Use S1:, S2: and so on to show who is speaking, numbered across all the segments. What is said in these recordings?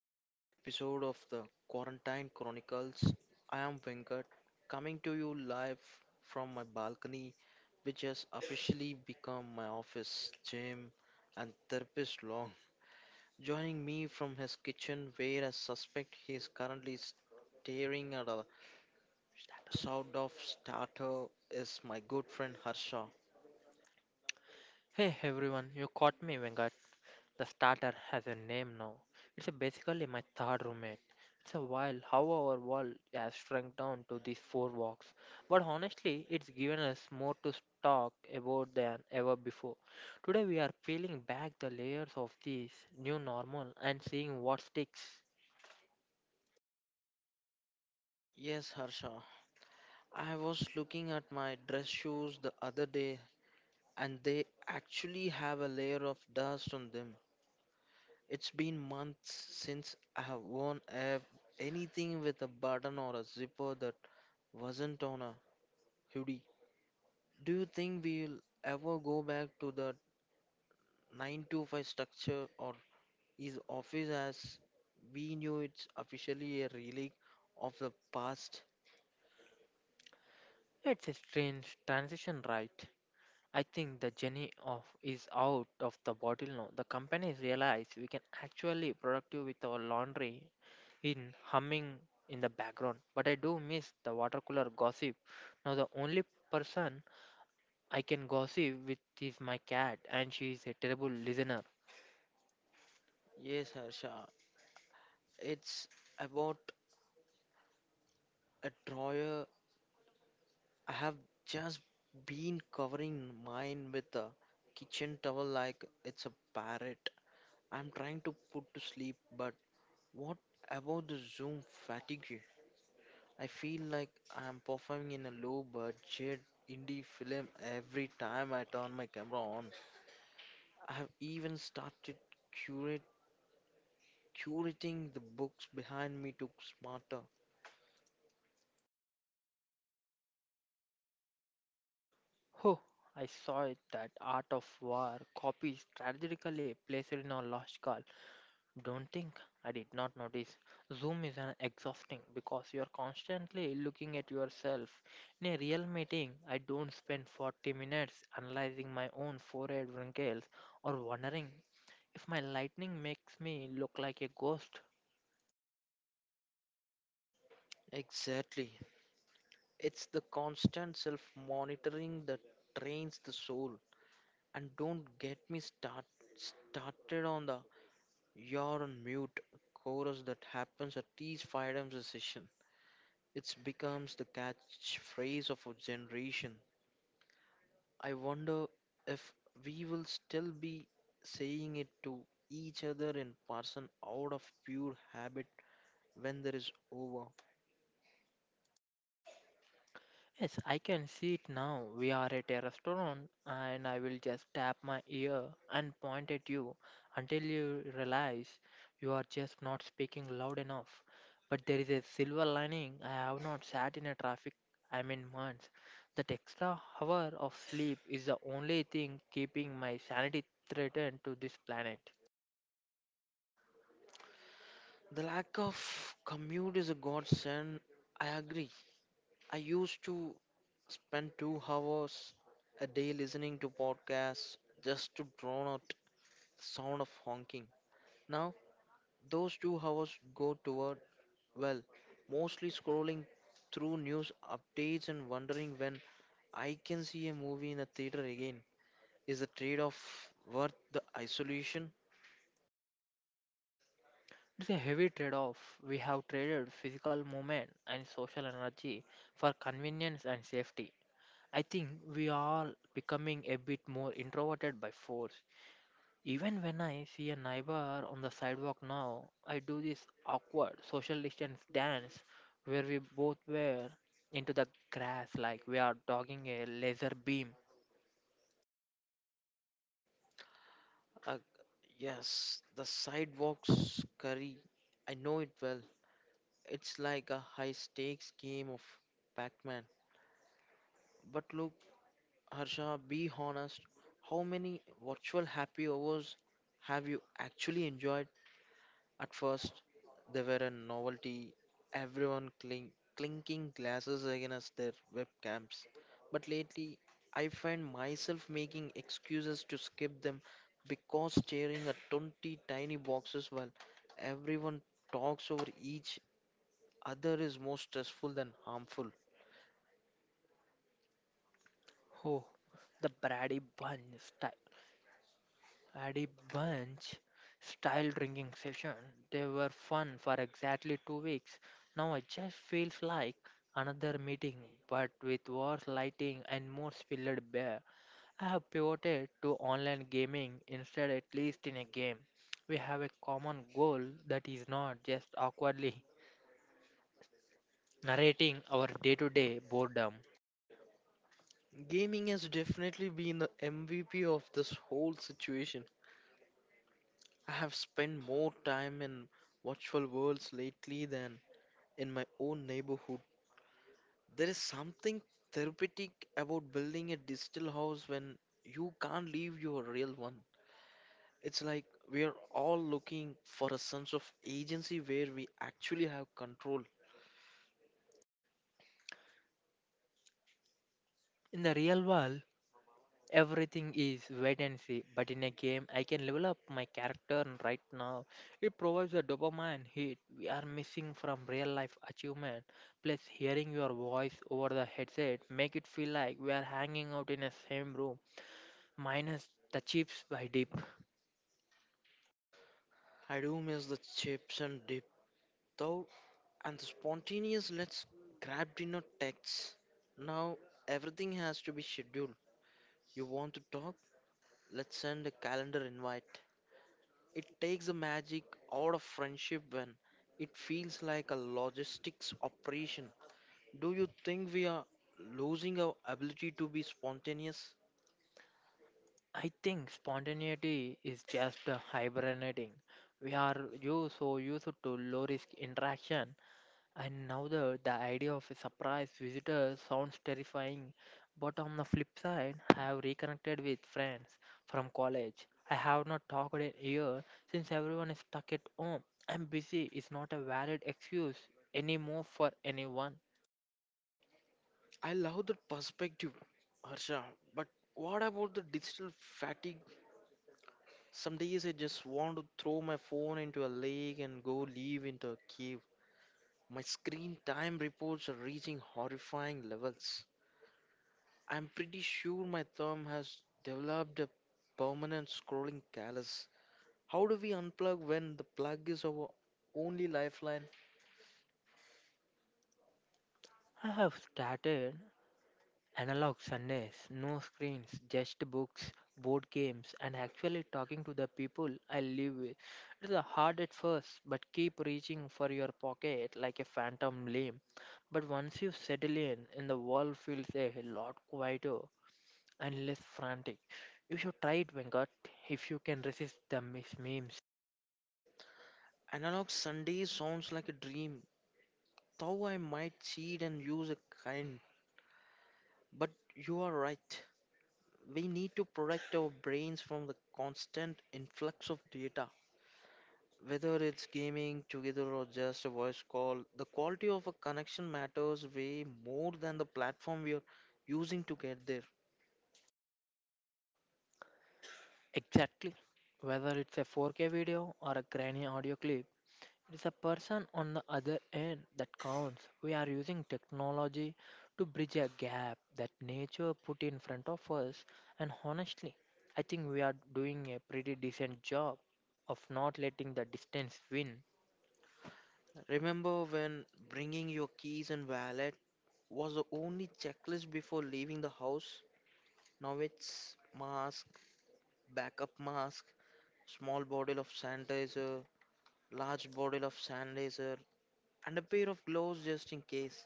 S1: to another episode of the Quarantine Chronicles. I am Venkat, coming to you live from my balcony, which has officially become my office, gym, and therapist long. Joining me from his kitchen, where I suspect he is currently staring at a sort of starter, is my good friend Harsha.
S2: Hey everyone, you caught me, Vengat. The starter has a name now. It's a basically my third roommate. It's a while how our world has shrunk down to these four walks. But honestly, it's given us more to talk about than ever before. Today we are peeling back the layers of this new normal and seeing what sticks.
S1: Yes, Harsha. I was looking at my dress shoes the other day and they actually have a layer of dust on them. It's been months since I have worn anything with a button or a zipper that wasn't on a hoodie. Do you think we'll ever go back to the 9 to 5 structure, or is office as we knew it's officially a relic of the past?
S2: It's a strange transition, right? I think the journey of is out of the bottle now. The companies realize we can actually productive with our laundry in humming in the background. But I do miss the water cooler gossip. Now the only person I can gossip with is my cat and she is a terrible listener.
S1: Yes, Harsha. It's about a drawer I have just been covering mine with a kitchen towel like it's a parrot I'm trying to put to sleep. But what about the Zoom fatigue? I feel like I'm performing in a low budget indie film every time I turn my camera on. I have even started curate curating the books behind me to smarter.
S2: Oh, I saw it that art of war copies strategically placed in our last call. Don't think I did not notice. Zoom is an exhausting because you are constantly looking at yourself. In a real meeting, I don't spend 40 minutes analyzing my own forehead wrinkles or wondering if my lightning makes me look like a ghost.
S1: Exactly. It's the constant self monitoring that drains the soul. And don't get me started on the you're on mute chorus that happens at each freedom session. It becomes the catchphrase of a generation. I wonder if we will still be saying it to each other in person out of pure habit when there is over.
S2: Yes, I can see it now. We are at a restaurant, and I will just tap my ear and point at you until you realize you are just not speaking loud enough. But there is a silver lining. I have not sat in a traffic, I mean, months. That extra hour of sleep is the only thing keeping my sanity threatened to this planet.
S1: The lack of commute is a godsend, I agree. I used to spend 2 hours a day listening to podcasts just to drown out the sound of honking. Now, those 2 hours go toward, well, mostly scrolling through news updates and wondering when I can see a movie in a theater again. Is the trade off worth the isolation?
S2: It's a heavy trade off. We have traded physical movement and social energy for convenience and safety. I think we are becoming a bit more introverted by force. Even when I see a neighbor on the sidewalk now, I do this awkward social distance dance where we both wear into the grass like we are dogging a laser beam.
S1: Uh, yes, the sidewalks curry. I know it well. It's like a high stakes game of Pac Man. But look, Harsha, be honest, how many virtual happy hours have you actually enjoyed? At first, they were a novelty, everyone clinking glasses against their webcams. But lately, I find myself making excuses to skip them because staring at 20 tiny boxes while everyone talks over each other is more stressful than harmful.
S2: Oh, the Brady Bunch style. Had a Bunch style drinking session. They were fun for exactly 2 weeks. Now it just feels like another meeting, but with worse lighting and more spilled beer. I have pivoted to online gaming instead, at least in a game. We have a common goal that is not just awkwardly narrating our day to day boredom.
S1: Gaming has definitely been the MVP of this whole situation. I have spent more time in virtual worlds lately than in my own neighborhood. There is something therapeutic about building a digital house when you can't leave your real one. It's like we are all looking for a sense of agency where we actually have control.
S2: In the real world, everything is wait and see, but in a game, I can level up my character and right now. It provides a dopamine hit we are missing from real life achievement. Plus, hearing your voice over the headset make it feel like we are hanging out in the same room, minus the chips by dip.
S1: I do miss the chips and dip, though, and the spontaneous let's grab dinner texts. Now everything has to be scheduled. You want to talk? Let's send a calendar invite. It takes the magic out of friendship when it feels like a logistics operation. Do you think we are losing our ability to be spontaneous?
S2: I think spontaneity is just a hibernating. We are you so used to low risk interaction. And now the idea of a surprise visitor sounds terrifying, but on the flip side, I have reconnected with friends from college. I have not talked in a year since everyone is stuck at home. I'm busy is not a valid excuse anymore for anyone.
S1: I love that perspective, Harsha, but what about the digital fatigue? Some days I just want to throw my phone into a lake and go live into a cave. My screen time reports are reaching horrifying levels. I'm pretty sure my thumb has developed a permanent scrolling callus. How do we unplug when the plug is our only lifeline?
S2: I have started Analog Sundays, no screens, just books, board games, and actually talking to the people I live with. It is hard at first, but keep reaching for your pocket like a phantom limb. But once you settle in, and the world feels a lot quieter and less frantic. You should try it, Venkat, if you can resist the memes.
S1: Analog Sunday sounds like a dream, though I might cheat and use a kind. But you are right. We need to protect our brains from the constant influx of data. Whether it's gaming together or just a voice call, the quality of a connection matters way more than the platform we are using to get there.
S2: Exactly. Whether it's a 4K video or a grainy audio clip, it is the person on the other end that counts. We are using technology to bridge a gap that nature put in front of us, and honestly, I think we are doing a pretty decent job of not letting the distance win.
S1: Remember when bringing your keys and wallet was the only checklist before leaving the house? Now it's mask, backup mask, small bottle of sanitizer, large bottle of sanitizer, and a pair of gloves just in case.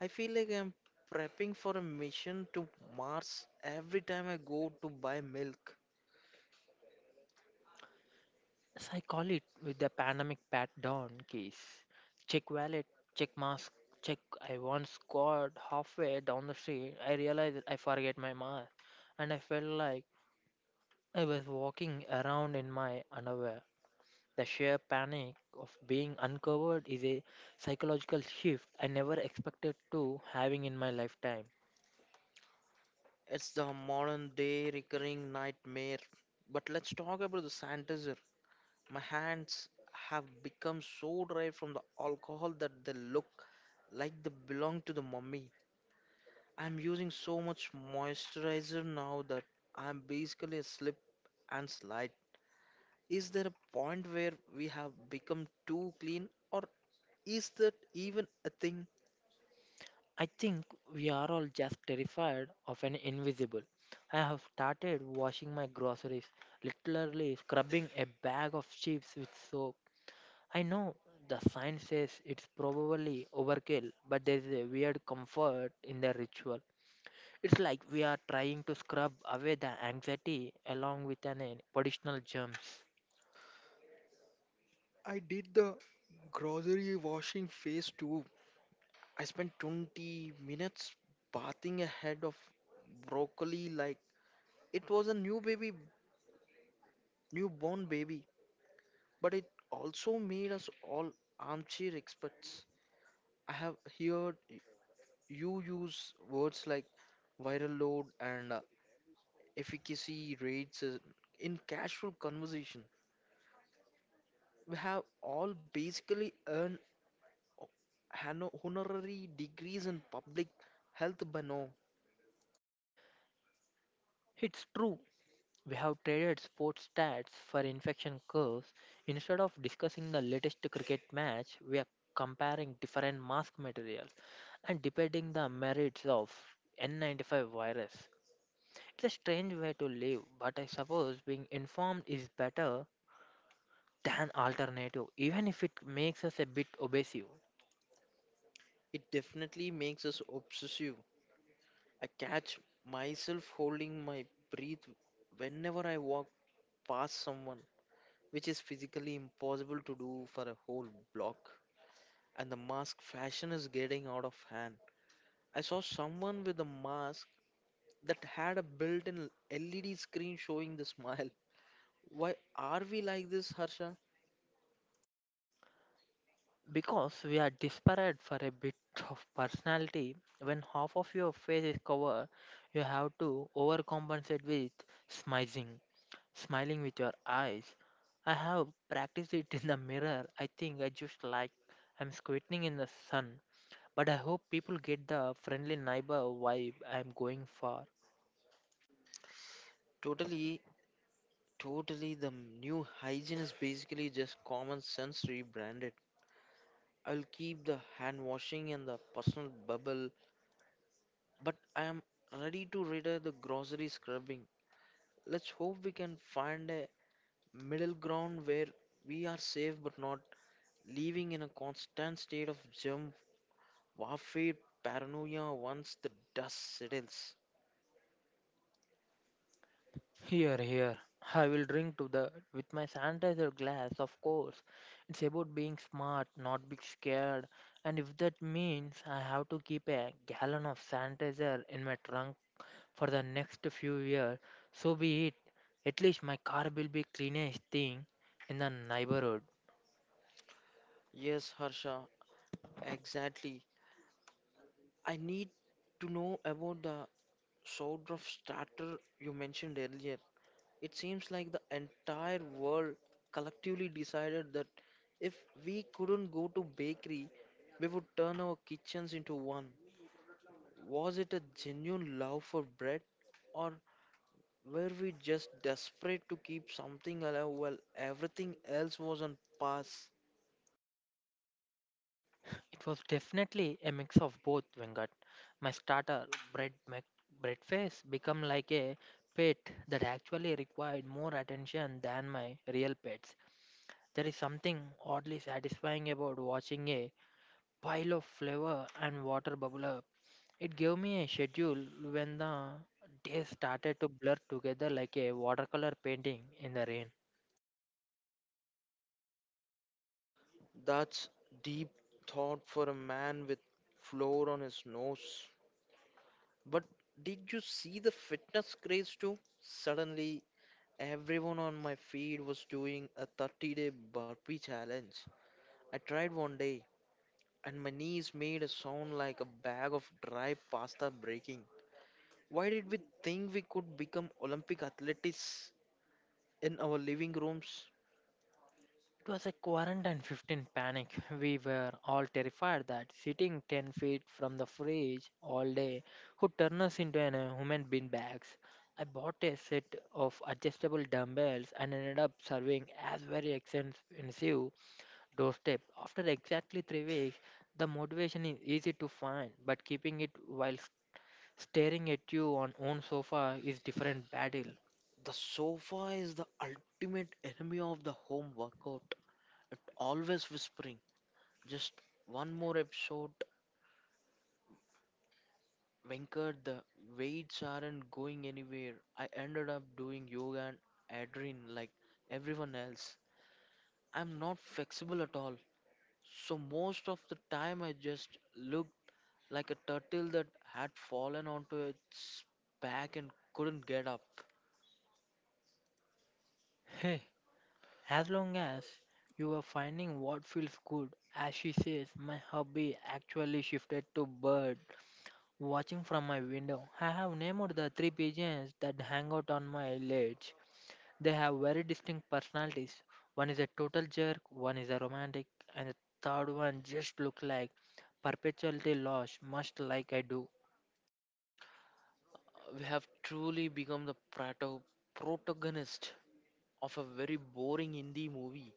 S1: I feel like I'm prepping for a mission to Mars every time I go to buy milk.
S2: As I call it with the pandemic pat down case. Check wallet, check mask, check. I once got halfway down the street. I realized that I forget my mask, and I felt like I was walking around in my underwear. The sheer panic of being uncovered is a psychological shift I never expected to having in my lifetime.
S1: It's the modern day recurring nightmare. But let's talk about the sanitizer. My hands have become so dry from the alcohol that they look like they belong to the mummy. I'm using so much moisturizer now that I'm basically a slip and slide. Is there a point where we have become too clean, or is that even a thing?
S2: I think we are all just terrified of an invisible. I have started washing my groceries, literally scrubbing a bag of chips with soap. I know the science says it's probably overkill, but there's a weird comfort in the ritual. It's like we are trying to scrub away the anxiety along with an additional germs.
S1: I did the grocery washing phase too. I spent 20 minutes bathing a head of broccoli like it was a newborn baby. But it also made us all armchair experts. I have heard you use words like viral load and efficacy rates in casual conversation. We have all basically earned honorary degrees in public health by now.
S2: It's true. We have traded sports stats for infection curves. Instead of discussing the latest cricket match, we are comparing different mask materials and debating the merits of N95 virus. It's a strange way to live, but I suppose being informed is better than alternative, even if it makes us a bit obsessive.
S1: It definitely makes us obsessive. I catch myself holding my breath whenever I walk past someone, which is physically impossible to do for a whole block. And the mask fashion is getting out of hand. I saw someone with a mask that had a built in LED screen showing the smile. Why are we like this, Harsha?
S2: Because we are desperate for a bit of personality, when half of your face is covered, you have to overcompensate with smizing, smiling with your eyes. I have practiced it in the mirror. I think I just like I'm squinting in the sun. But I hope people get the friendly neighbor vibe I'm going for.
S1: Totally, totally. The new hygiene is basically just common sense rebranded. I'll keep the hand washing and the personal bubble, but I am ready to retire the grocery scrubbing. Let's hope we can find a middle ground where we are safe but not living in a constant state of germ warfare paranoia once the dust settles.
S2: Here, here. I will drink to the with my sanitizer glass, of course. It's about being smart, not being scared. And if that means I have to keep a gallon of sanitizer in my trunk for the next few years, so be it. At least my car will be cleanest thing in the neighborhood.
S1: Yes, Harsha, exactly. I need to know about the sword of starter you mentioned earlier. It seems like the entire world collectively decided that if we couldn't go to bakery, we would turn our kitchens into one. Was it a genuine love for bread, or were we just desperate to keep something alive while everything else was on pause?
S2: It was definitely a mix of both, Venkat. My starter, bread, my breakfast, become like a pet that actually required more attention than my real pets. There is something oddly satisfying about watching a pile of flour and water bubble up. It gave me a schedule when the days started to blur together like a watercolor painting in the rain.
S1: That's deep thought for a man with floor on his nose. But did you see the fitness craze too? Suddenly, everyone on my feed was doing a 30-day burpee challenge. I tried one day, and my knees made a sound like a bag of dry pasta breaking. Why did we think we could become Olympic athletes in our living rooms?
S2: It was a quarantine 15 panic. We were all terrified that sitting 10 feet from the fridge all day would turn us into an human bean bags. I bought a set of adjustable dumbbells and ended up serving as very expensive doorstep. After exactly 3 weeks, the motivation is easy to find, but keeping it while staring at you on own sofa is different battle.
S1: The sofa is the ultimate enemy of the home workout. It always whispers. Just one more episode, Venkat. The weights aren't going anywhere. I ended up doing yoga and adrenaline like everyone else. I'm not flexible at all. So most of the time, I just looked like a turtle that had fallen onto its back and couldn't get up.
S2: Hey, as long as you are finding what feels good, as she says, my hobby actually shifted to bird watching from my window. I have named the three pigeons that hang out on my ledge. They have very distinct personalities. One is a total jerk, one is a romantic, and the third one just look like perpetually lost, much like I do.
S1: We have truly become the protagonist of a very boring indie movie.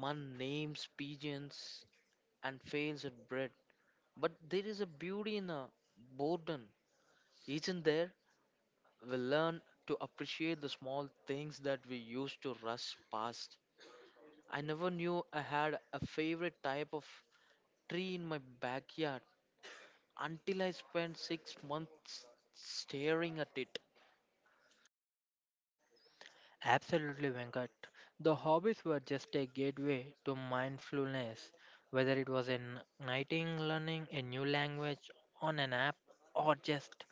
S1: Man names pigeons and fails at bread. But there is a beauty in a boredom, isn't there? We learn to appreciate the small things that we used to rush past. I never knew I had a favorite type of tree in my backyard until I spent 6 months staring at it.
S2: Absolutely, Venkat. The hobbies were just a gateway to mindfulness, whether it was in writing, learning a new language on an app, or just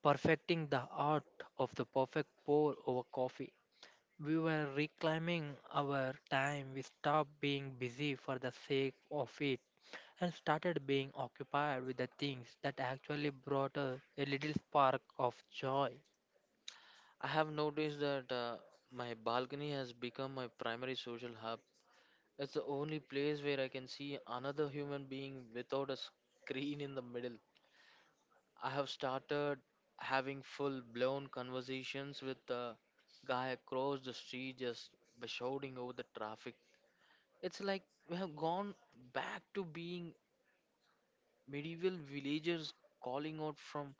S2: perfecting the art of the perfect pour over coffee. We were reclaiming our time. We stopped being busy for the sake of it and started being occupied with the things that actually brought us a little spark of joy.
S1: I have noticed that my balcony has become my primary social hub. It's the only place where I can see another human being without a screen in the middle. I have started having full blown conversations with the guy across the street just by shouting over the traffic. It's like we have gone back to being medieval villagers calling out from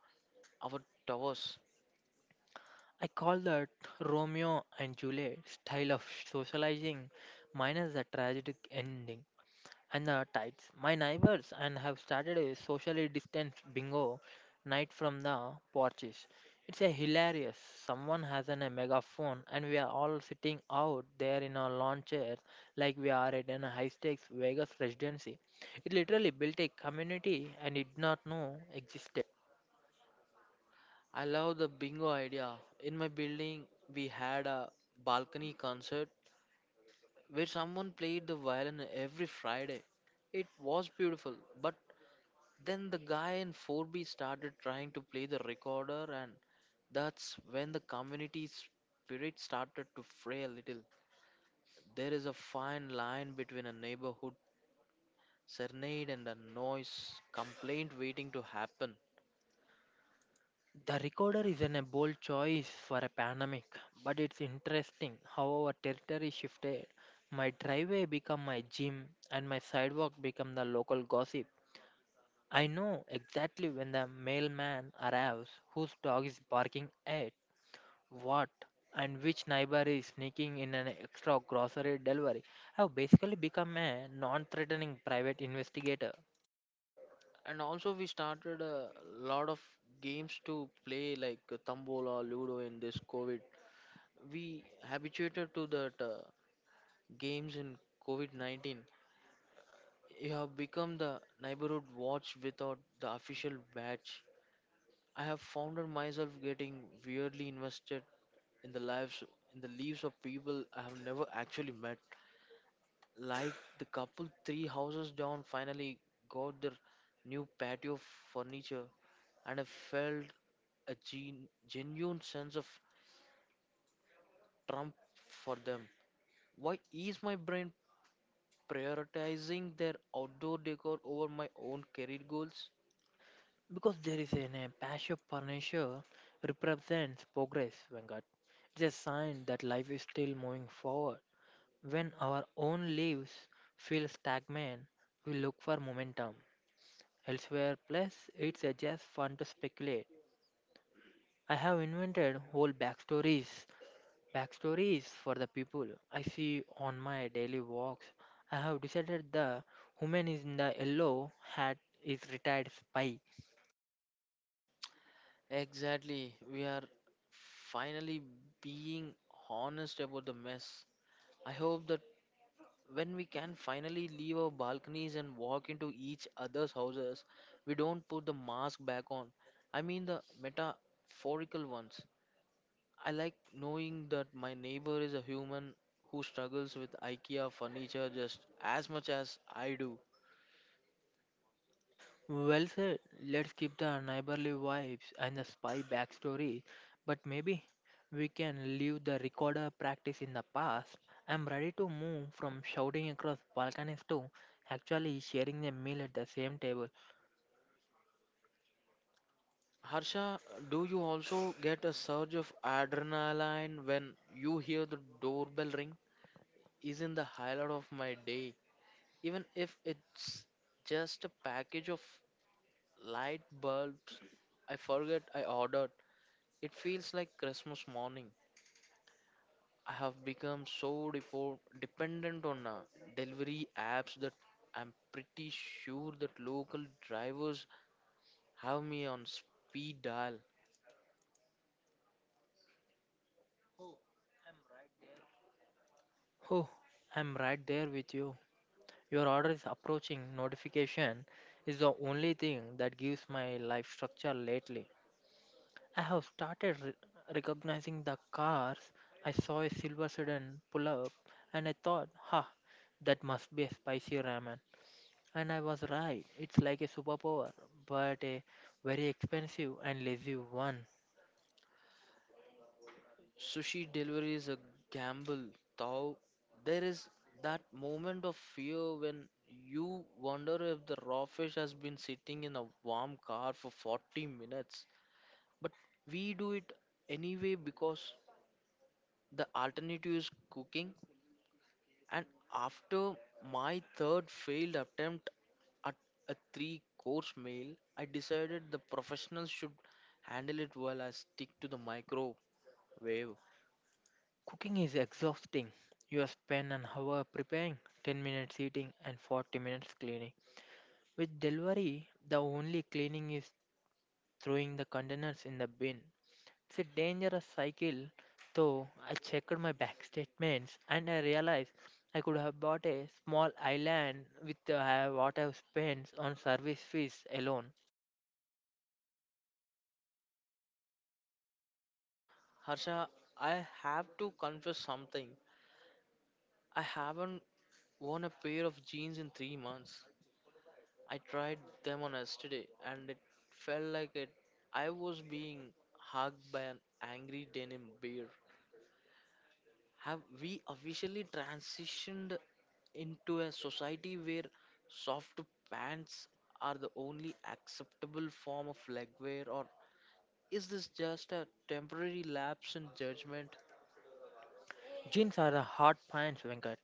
S1: our towers.
S2: I call that Romeo and Juliet style of socializing minus the tragic ending. And the tides. My neighbors and have started a socially distanced bingo night from the porches. It's a hilarious. Someone has a megaphone and we are all sitting out there in our lawn chairs like we are at a high stakes Vegas residency. It literally built a community and did not know existed.
S1: I love the bingo idea. In my building, we had a balcony concert where someone played the violin every Friday. It was beautiful, but then the guy in 4B started trying to play the recorder, and that's when the community spirit started to fray a little. There is a fine line between a neighborhood serenade and a noise complaint waiting to happen.
S2: The recorder is a bold choice for a pandemic, but it's interesting how our territory shifted. My driveway became my gym, and my sidewalk became the local gossip. I know exactly when the mailman arrives, whose dog is barking at what, and which neighbor is sneaking in an extra grocery delivery. I've basically become a non threatening private investigator.
S1: And also, we started a lot of games to play, like Tambola, Ludo in this COVID. We habituated to that games in COVID-19. You have become the neighborhood watch without the official badge. I have found myself getting weirdly invested in the lives in the lives of people I have never actually met. Like the couple three houses down finally got their new patio furniture and I felt a genuine sense of trump for them. Why is my brain prioritizing their outdoor decor over my own career goals?
S2: Because there is an a passion furniture represents progress, Venkat. It's a sign that life is still moving forward. When our own lives feel stagnant, we look for momentum elsewhere. Plus, it's a just fun to speculate. I have invented whole backstories for the people I see on my daily walks. I have decided the woman is in the yellow hat is retired spy.
S1: Exactly. We are finally being honest about the mess. I hope that when we can finally leave our balconies and walk into each other's houses, we don't put the mask back on. I mean the metaphorical ones. I like knowing that my neighbor is a human who struggles with IKEA furniture just as much as I do.
S2: Well said. Let's keep the neighborly vibes and the spy backstory, but maybe we can leave the recorder practice in the past. I'm ready to move from shouting across balconies to actually sharing the meal at the same table.
S1: Harsha, do you also get a surge of adrenaline when you hear the doorbell ring? Isn't the highlight of my day, even if it's just a package of light bulbs I forget I ordered. It feels like Christmas morning. I have become so dependent on delivery apps that I'm pretty sure that local drivers have me on speed dial.
S2: Oh, I'm right there with you. Your order is approaching. Notification is the only thing that gives my life structure lately. I have started recognizing the cars. I saw a silver sedan pull up and I thought, ha, that must be a spicy ramen. And I was right. It's like a superpower, but a very expensive and lazy one.
S1: Sushi delivery is a gamble, though. There is that moment of fear when you wonder if the raw fish has been sitting in a warm car for 40 minutes. But we do it anyway because the alternative is cooking. And after my third failed attempt at a three course meal, I decided the professionals should handle it while I stick to the microwave.
S2: Cooking is exhausting. You spend an hour preparing, 10 minutes eating, and 40 minutes cleaning. With delivery, the only cleaning is throwing the containers in the bin. It's a dangerous cycle, though. I checked my bank statements and I realized I could have bought a small island with what I've spent on service fees alone.
S1: Harsha, I have to confess something. I haven't worn a pair of jeans in 3 months. I tried them on yesterday and it felt like it. I was being hugged by an angry denim bear. Have we officially transitioned into a society where soft pants are the only acceptable form of leg wear, or is this just a temporary lapse in judgment?
S2: Jeans are the hard pants, Venkat,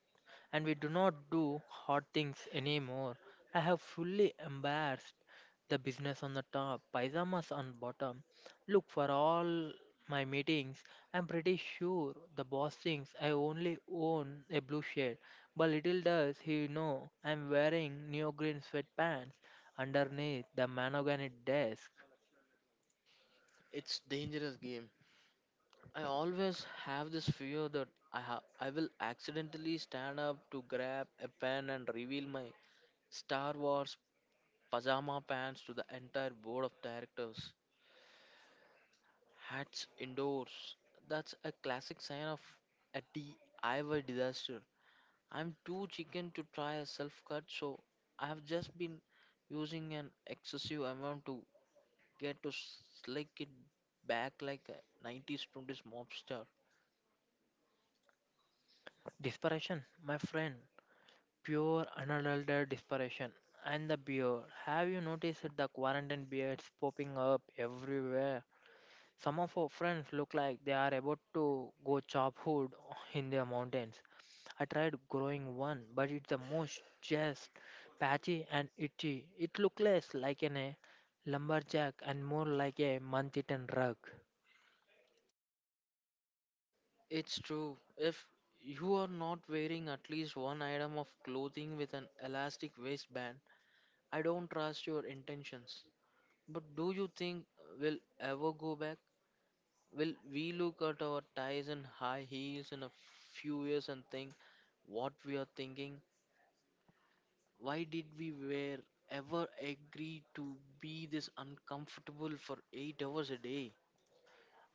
S2: and we do not do hard things anymore. I have fully embarrassed the business on the top, pyjamas on bottom. Look, for all my meetings, I'm pretty sure the boss thinks I only own a blue shirt, but little does he know I'm wearing neoprene sweatpants underneath the monogany desk.
S1: It's dangerous game. I always have this fear that I will accidentally stand up to grab a pen and reveal my Star Wars pajama pants to the entire board of directors. Hats indoors. That's a classic sign of a DIY disaster. I'm too chicken to try a self cut, so I have just been using an excessive amount to get to slick it back like a 90s 20s mob star.
S2: Desperation, my friend. Pure unadulterated desperation. And the beard. Have you noticed the quarantine beards popping up everywhere? Some of our friends look like they are about to go chop wood in the mountains. I tried growing one, but it's the most just patchy and itchy. It looks less like a lumberjack and more like a month eaten rug.
S1: It's true. If you are not wearing at least one item of clothing with an elastic waistband, I don't trust your intentions. But do you think we'll ever go back? Will we look at our ties and high heels in a few years and think what we are thinking? Why did we wear ever agree to be this uncomfortable for 8 hours a day?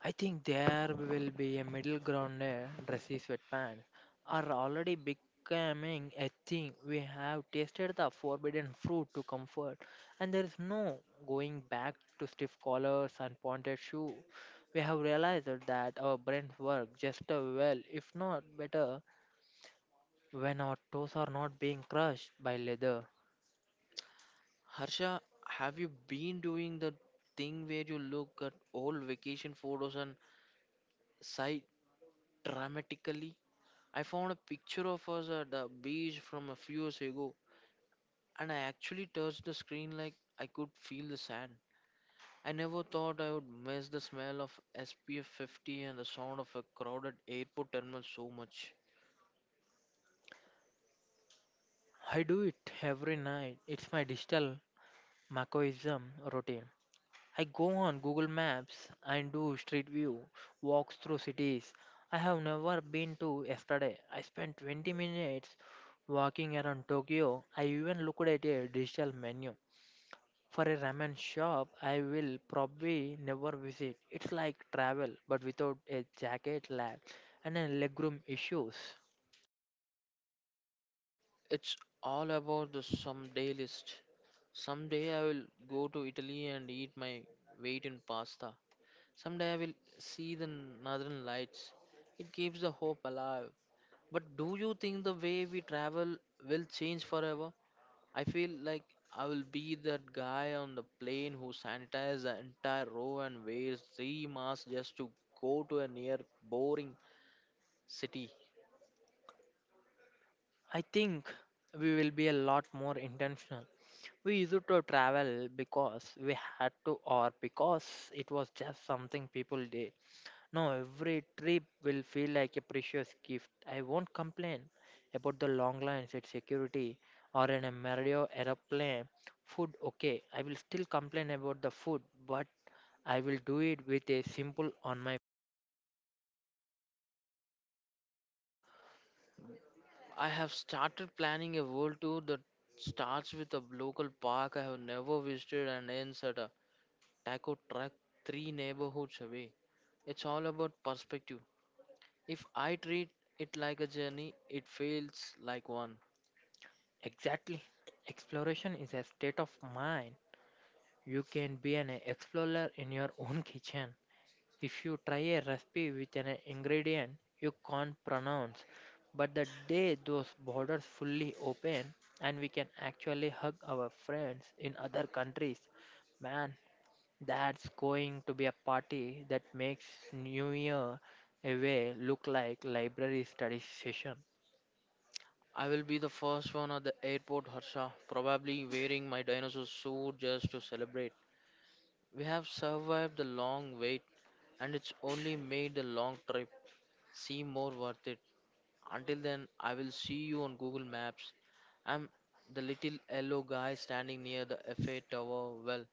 S2: I think there will be a middle ground there. Dressy sweatpants are already becoming a thing. We have tasted the forbidden fruit to comfort, and there is no going back to stiff collars and pointed shoes. We have realized that our brains work just as well, if not better, when our toes are not being crushed by leather.
S1: Harsha, have you been doing the thing where you look at old vacation photos and sighed dramatically? I found a picture of us at the beach from a few years ago, and I actually touched the screen like I could feel the sand. I never thought I would miss the smell of SPF 50 and the sound of a crowded airport terminal so much.
S2: I do it every night. It's my digital macoism routine. I go on Google Maps and do street view, walks through cities I have never been to yesterday. I spent 20 minutes walking around Tokyo. I even looked at a digital menu for a ramen shop I will probably never visit. It's like travel but without a jacket lag and a legroom issues.
S1: It's all about the someday list. Someday I will go to Italy and eat my weight in pasta. Someday I will see the northern lights. It keeps the hope alive. But do you think the way we travel will change forever? I feel like I will be that guy on the plane who sanitizes the entire row and wears three masks just to go to a near boring city.
S2: I think we will be a lot more intentional. We used to travel because we had to or because it was just something people did. Now every trip will feel like a precious gift. I won't complain about the long lines at security or in a Mario aeroplane. Food, okay. I will still complain about the food, but I will do it with a simple on my
S1: I have started planning a world tour that starts with a local park I have never visited and ends at a taco truck three neighborhoods away. It's all about perspective. If I treat it like a journey, it feels like one.
S2: exactly. Exploration is a state of mind. You can be an explorer in your own kitchen. If you try a recipe with an ingredient you can't pronounce, but the day those borders fully open and we can actually hug our friends in other countries, man, that's going to be a party that makes New Year away look like library study session.
S1: I will be the first one at the airport, Harsha, probably wearing my dinosaur suit just to celebrate. We have survived the long wait, and it's only made the long trip seem more worth it. Until then, I will see you on Google Maps. I'm the little yellow guy standing near the Eiffel Tower, well,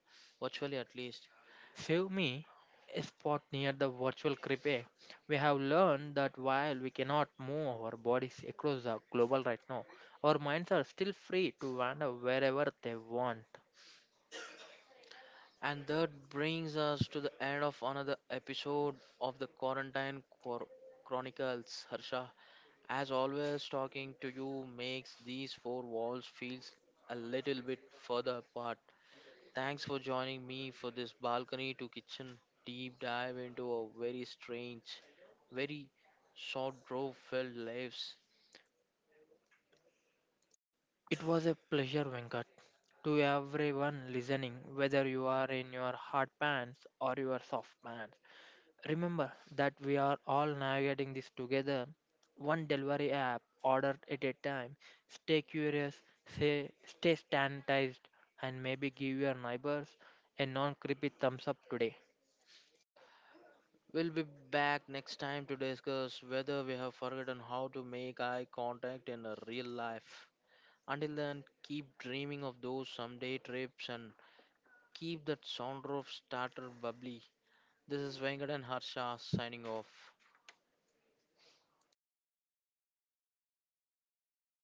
S1: virtually at least.
S2: Save me a spot near the virtual crepe. We have learned that while we cannot move our bodies across the global right now, our minds are still free to wander wherever they want.
S1: And that brings us to the end of another episode of the Chronicles. Harsha, as always, talking to you makes these four walls feels a little bit further apart. Thanks for joining me for this balcony to kitchen deep dive into a very strange, very short drove filled lives.
S2: It was a pleasure, Venkat. To everyone listening, whether you are in your hard pants or your soft pants, remember that we are all navigating this together, one delivery app ordered at a time. Stay curious, say, stay sanitized, and maybe give your neighbors a non creepy thumbs up today.
S1: We'll be back next time to discuss whether we have forgotten how to make eye contact in a real life. Until then, keep dreaming of those someday trips and keep that sound of starter bubbly. This is Venkat and Harsha signing off.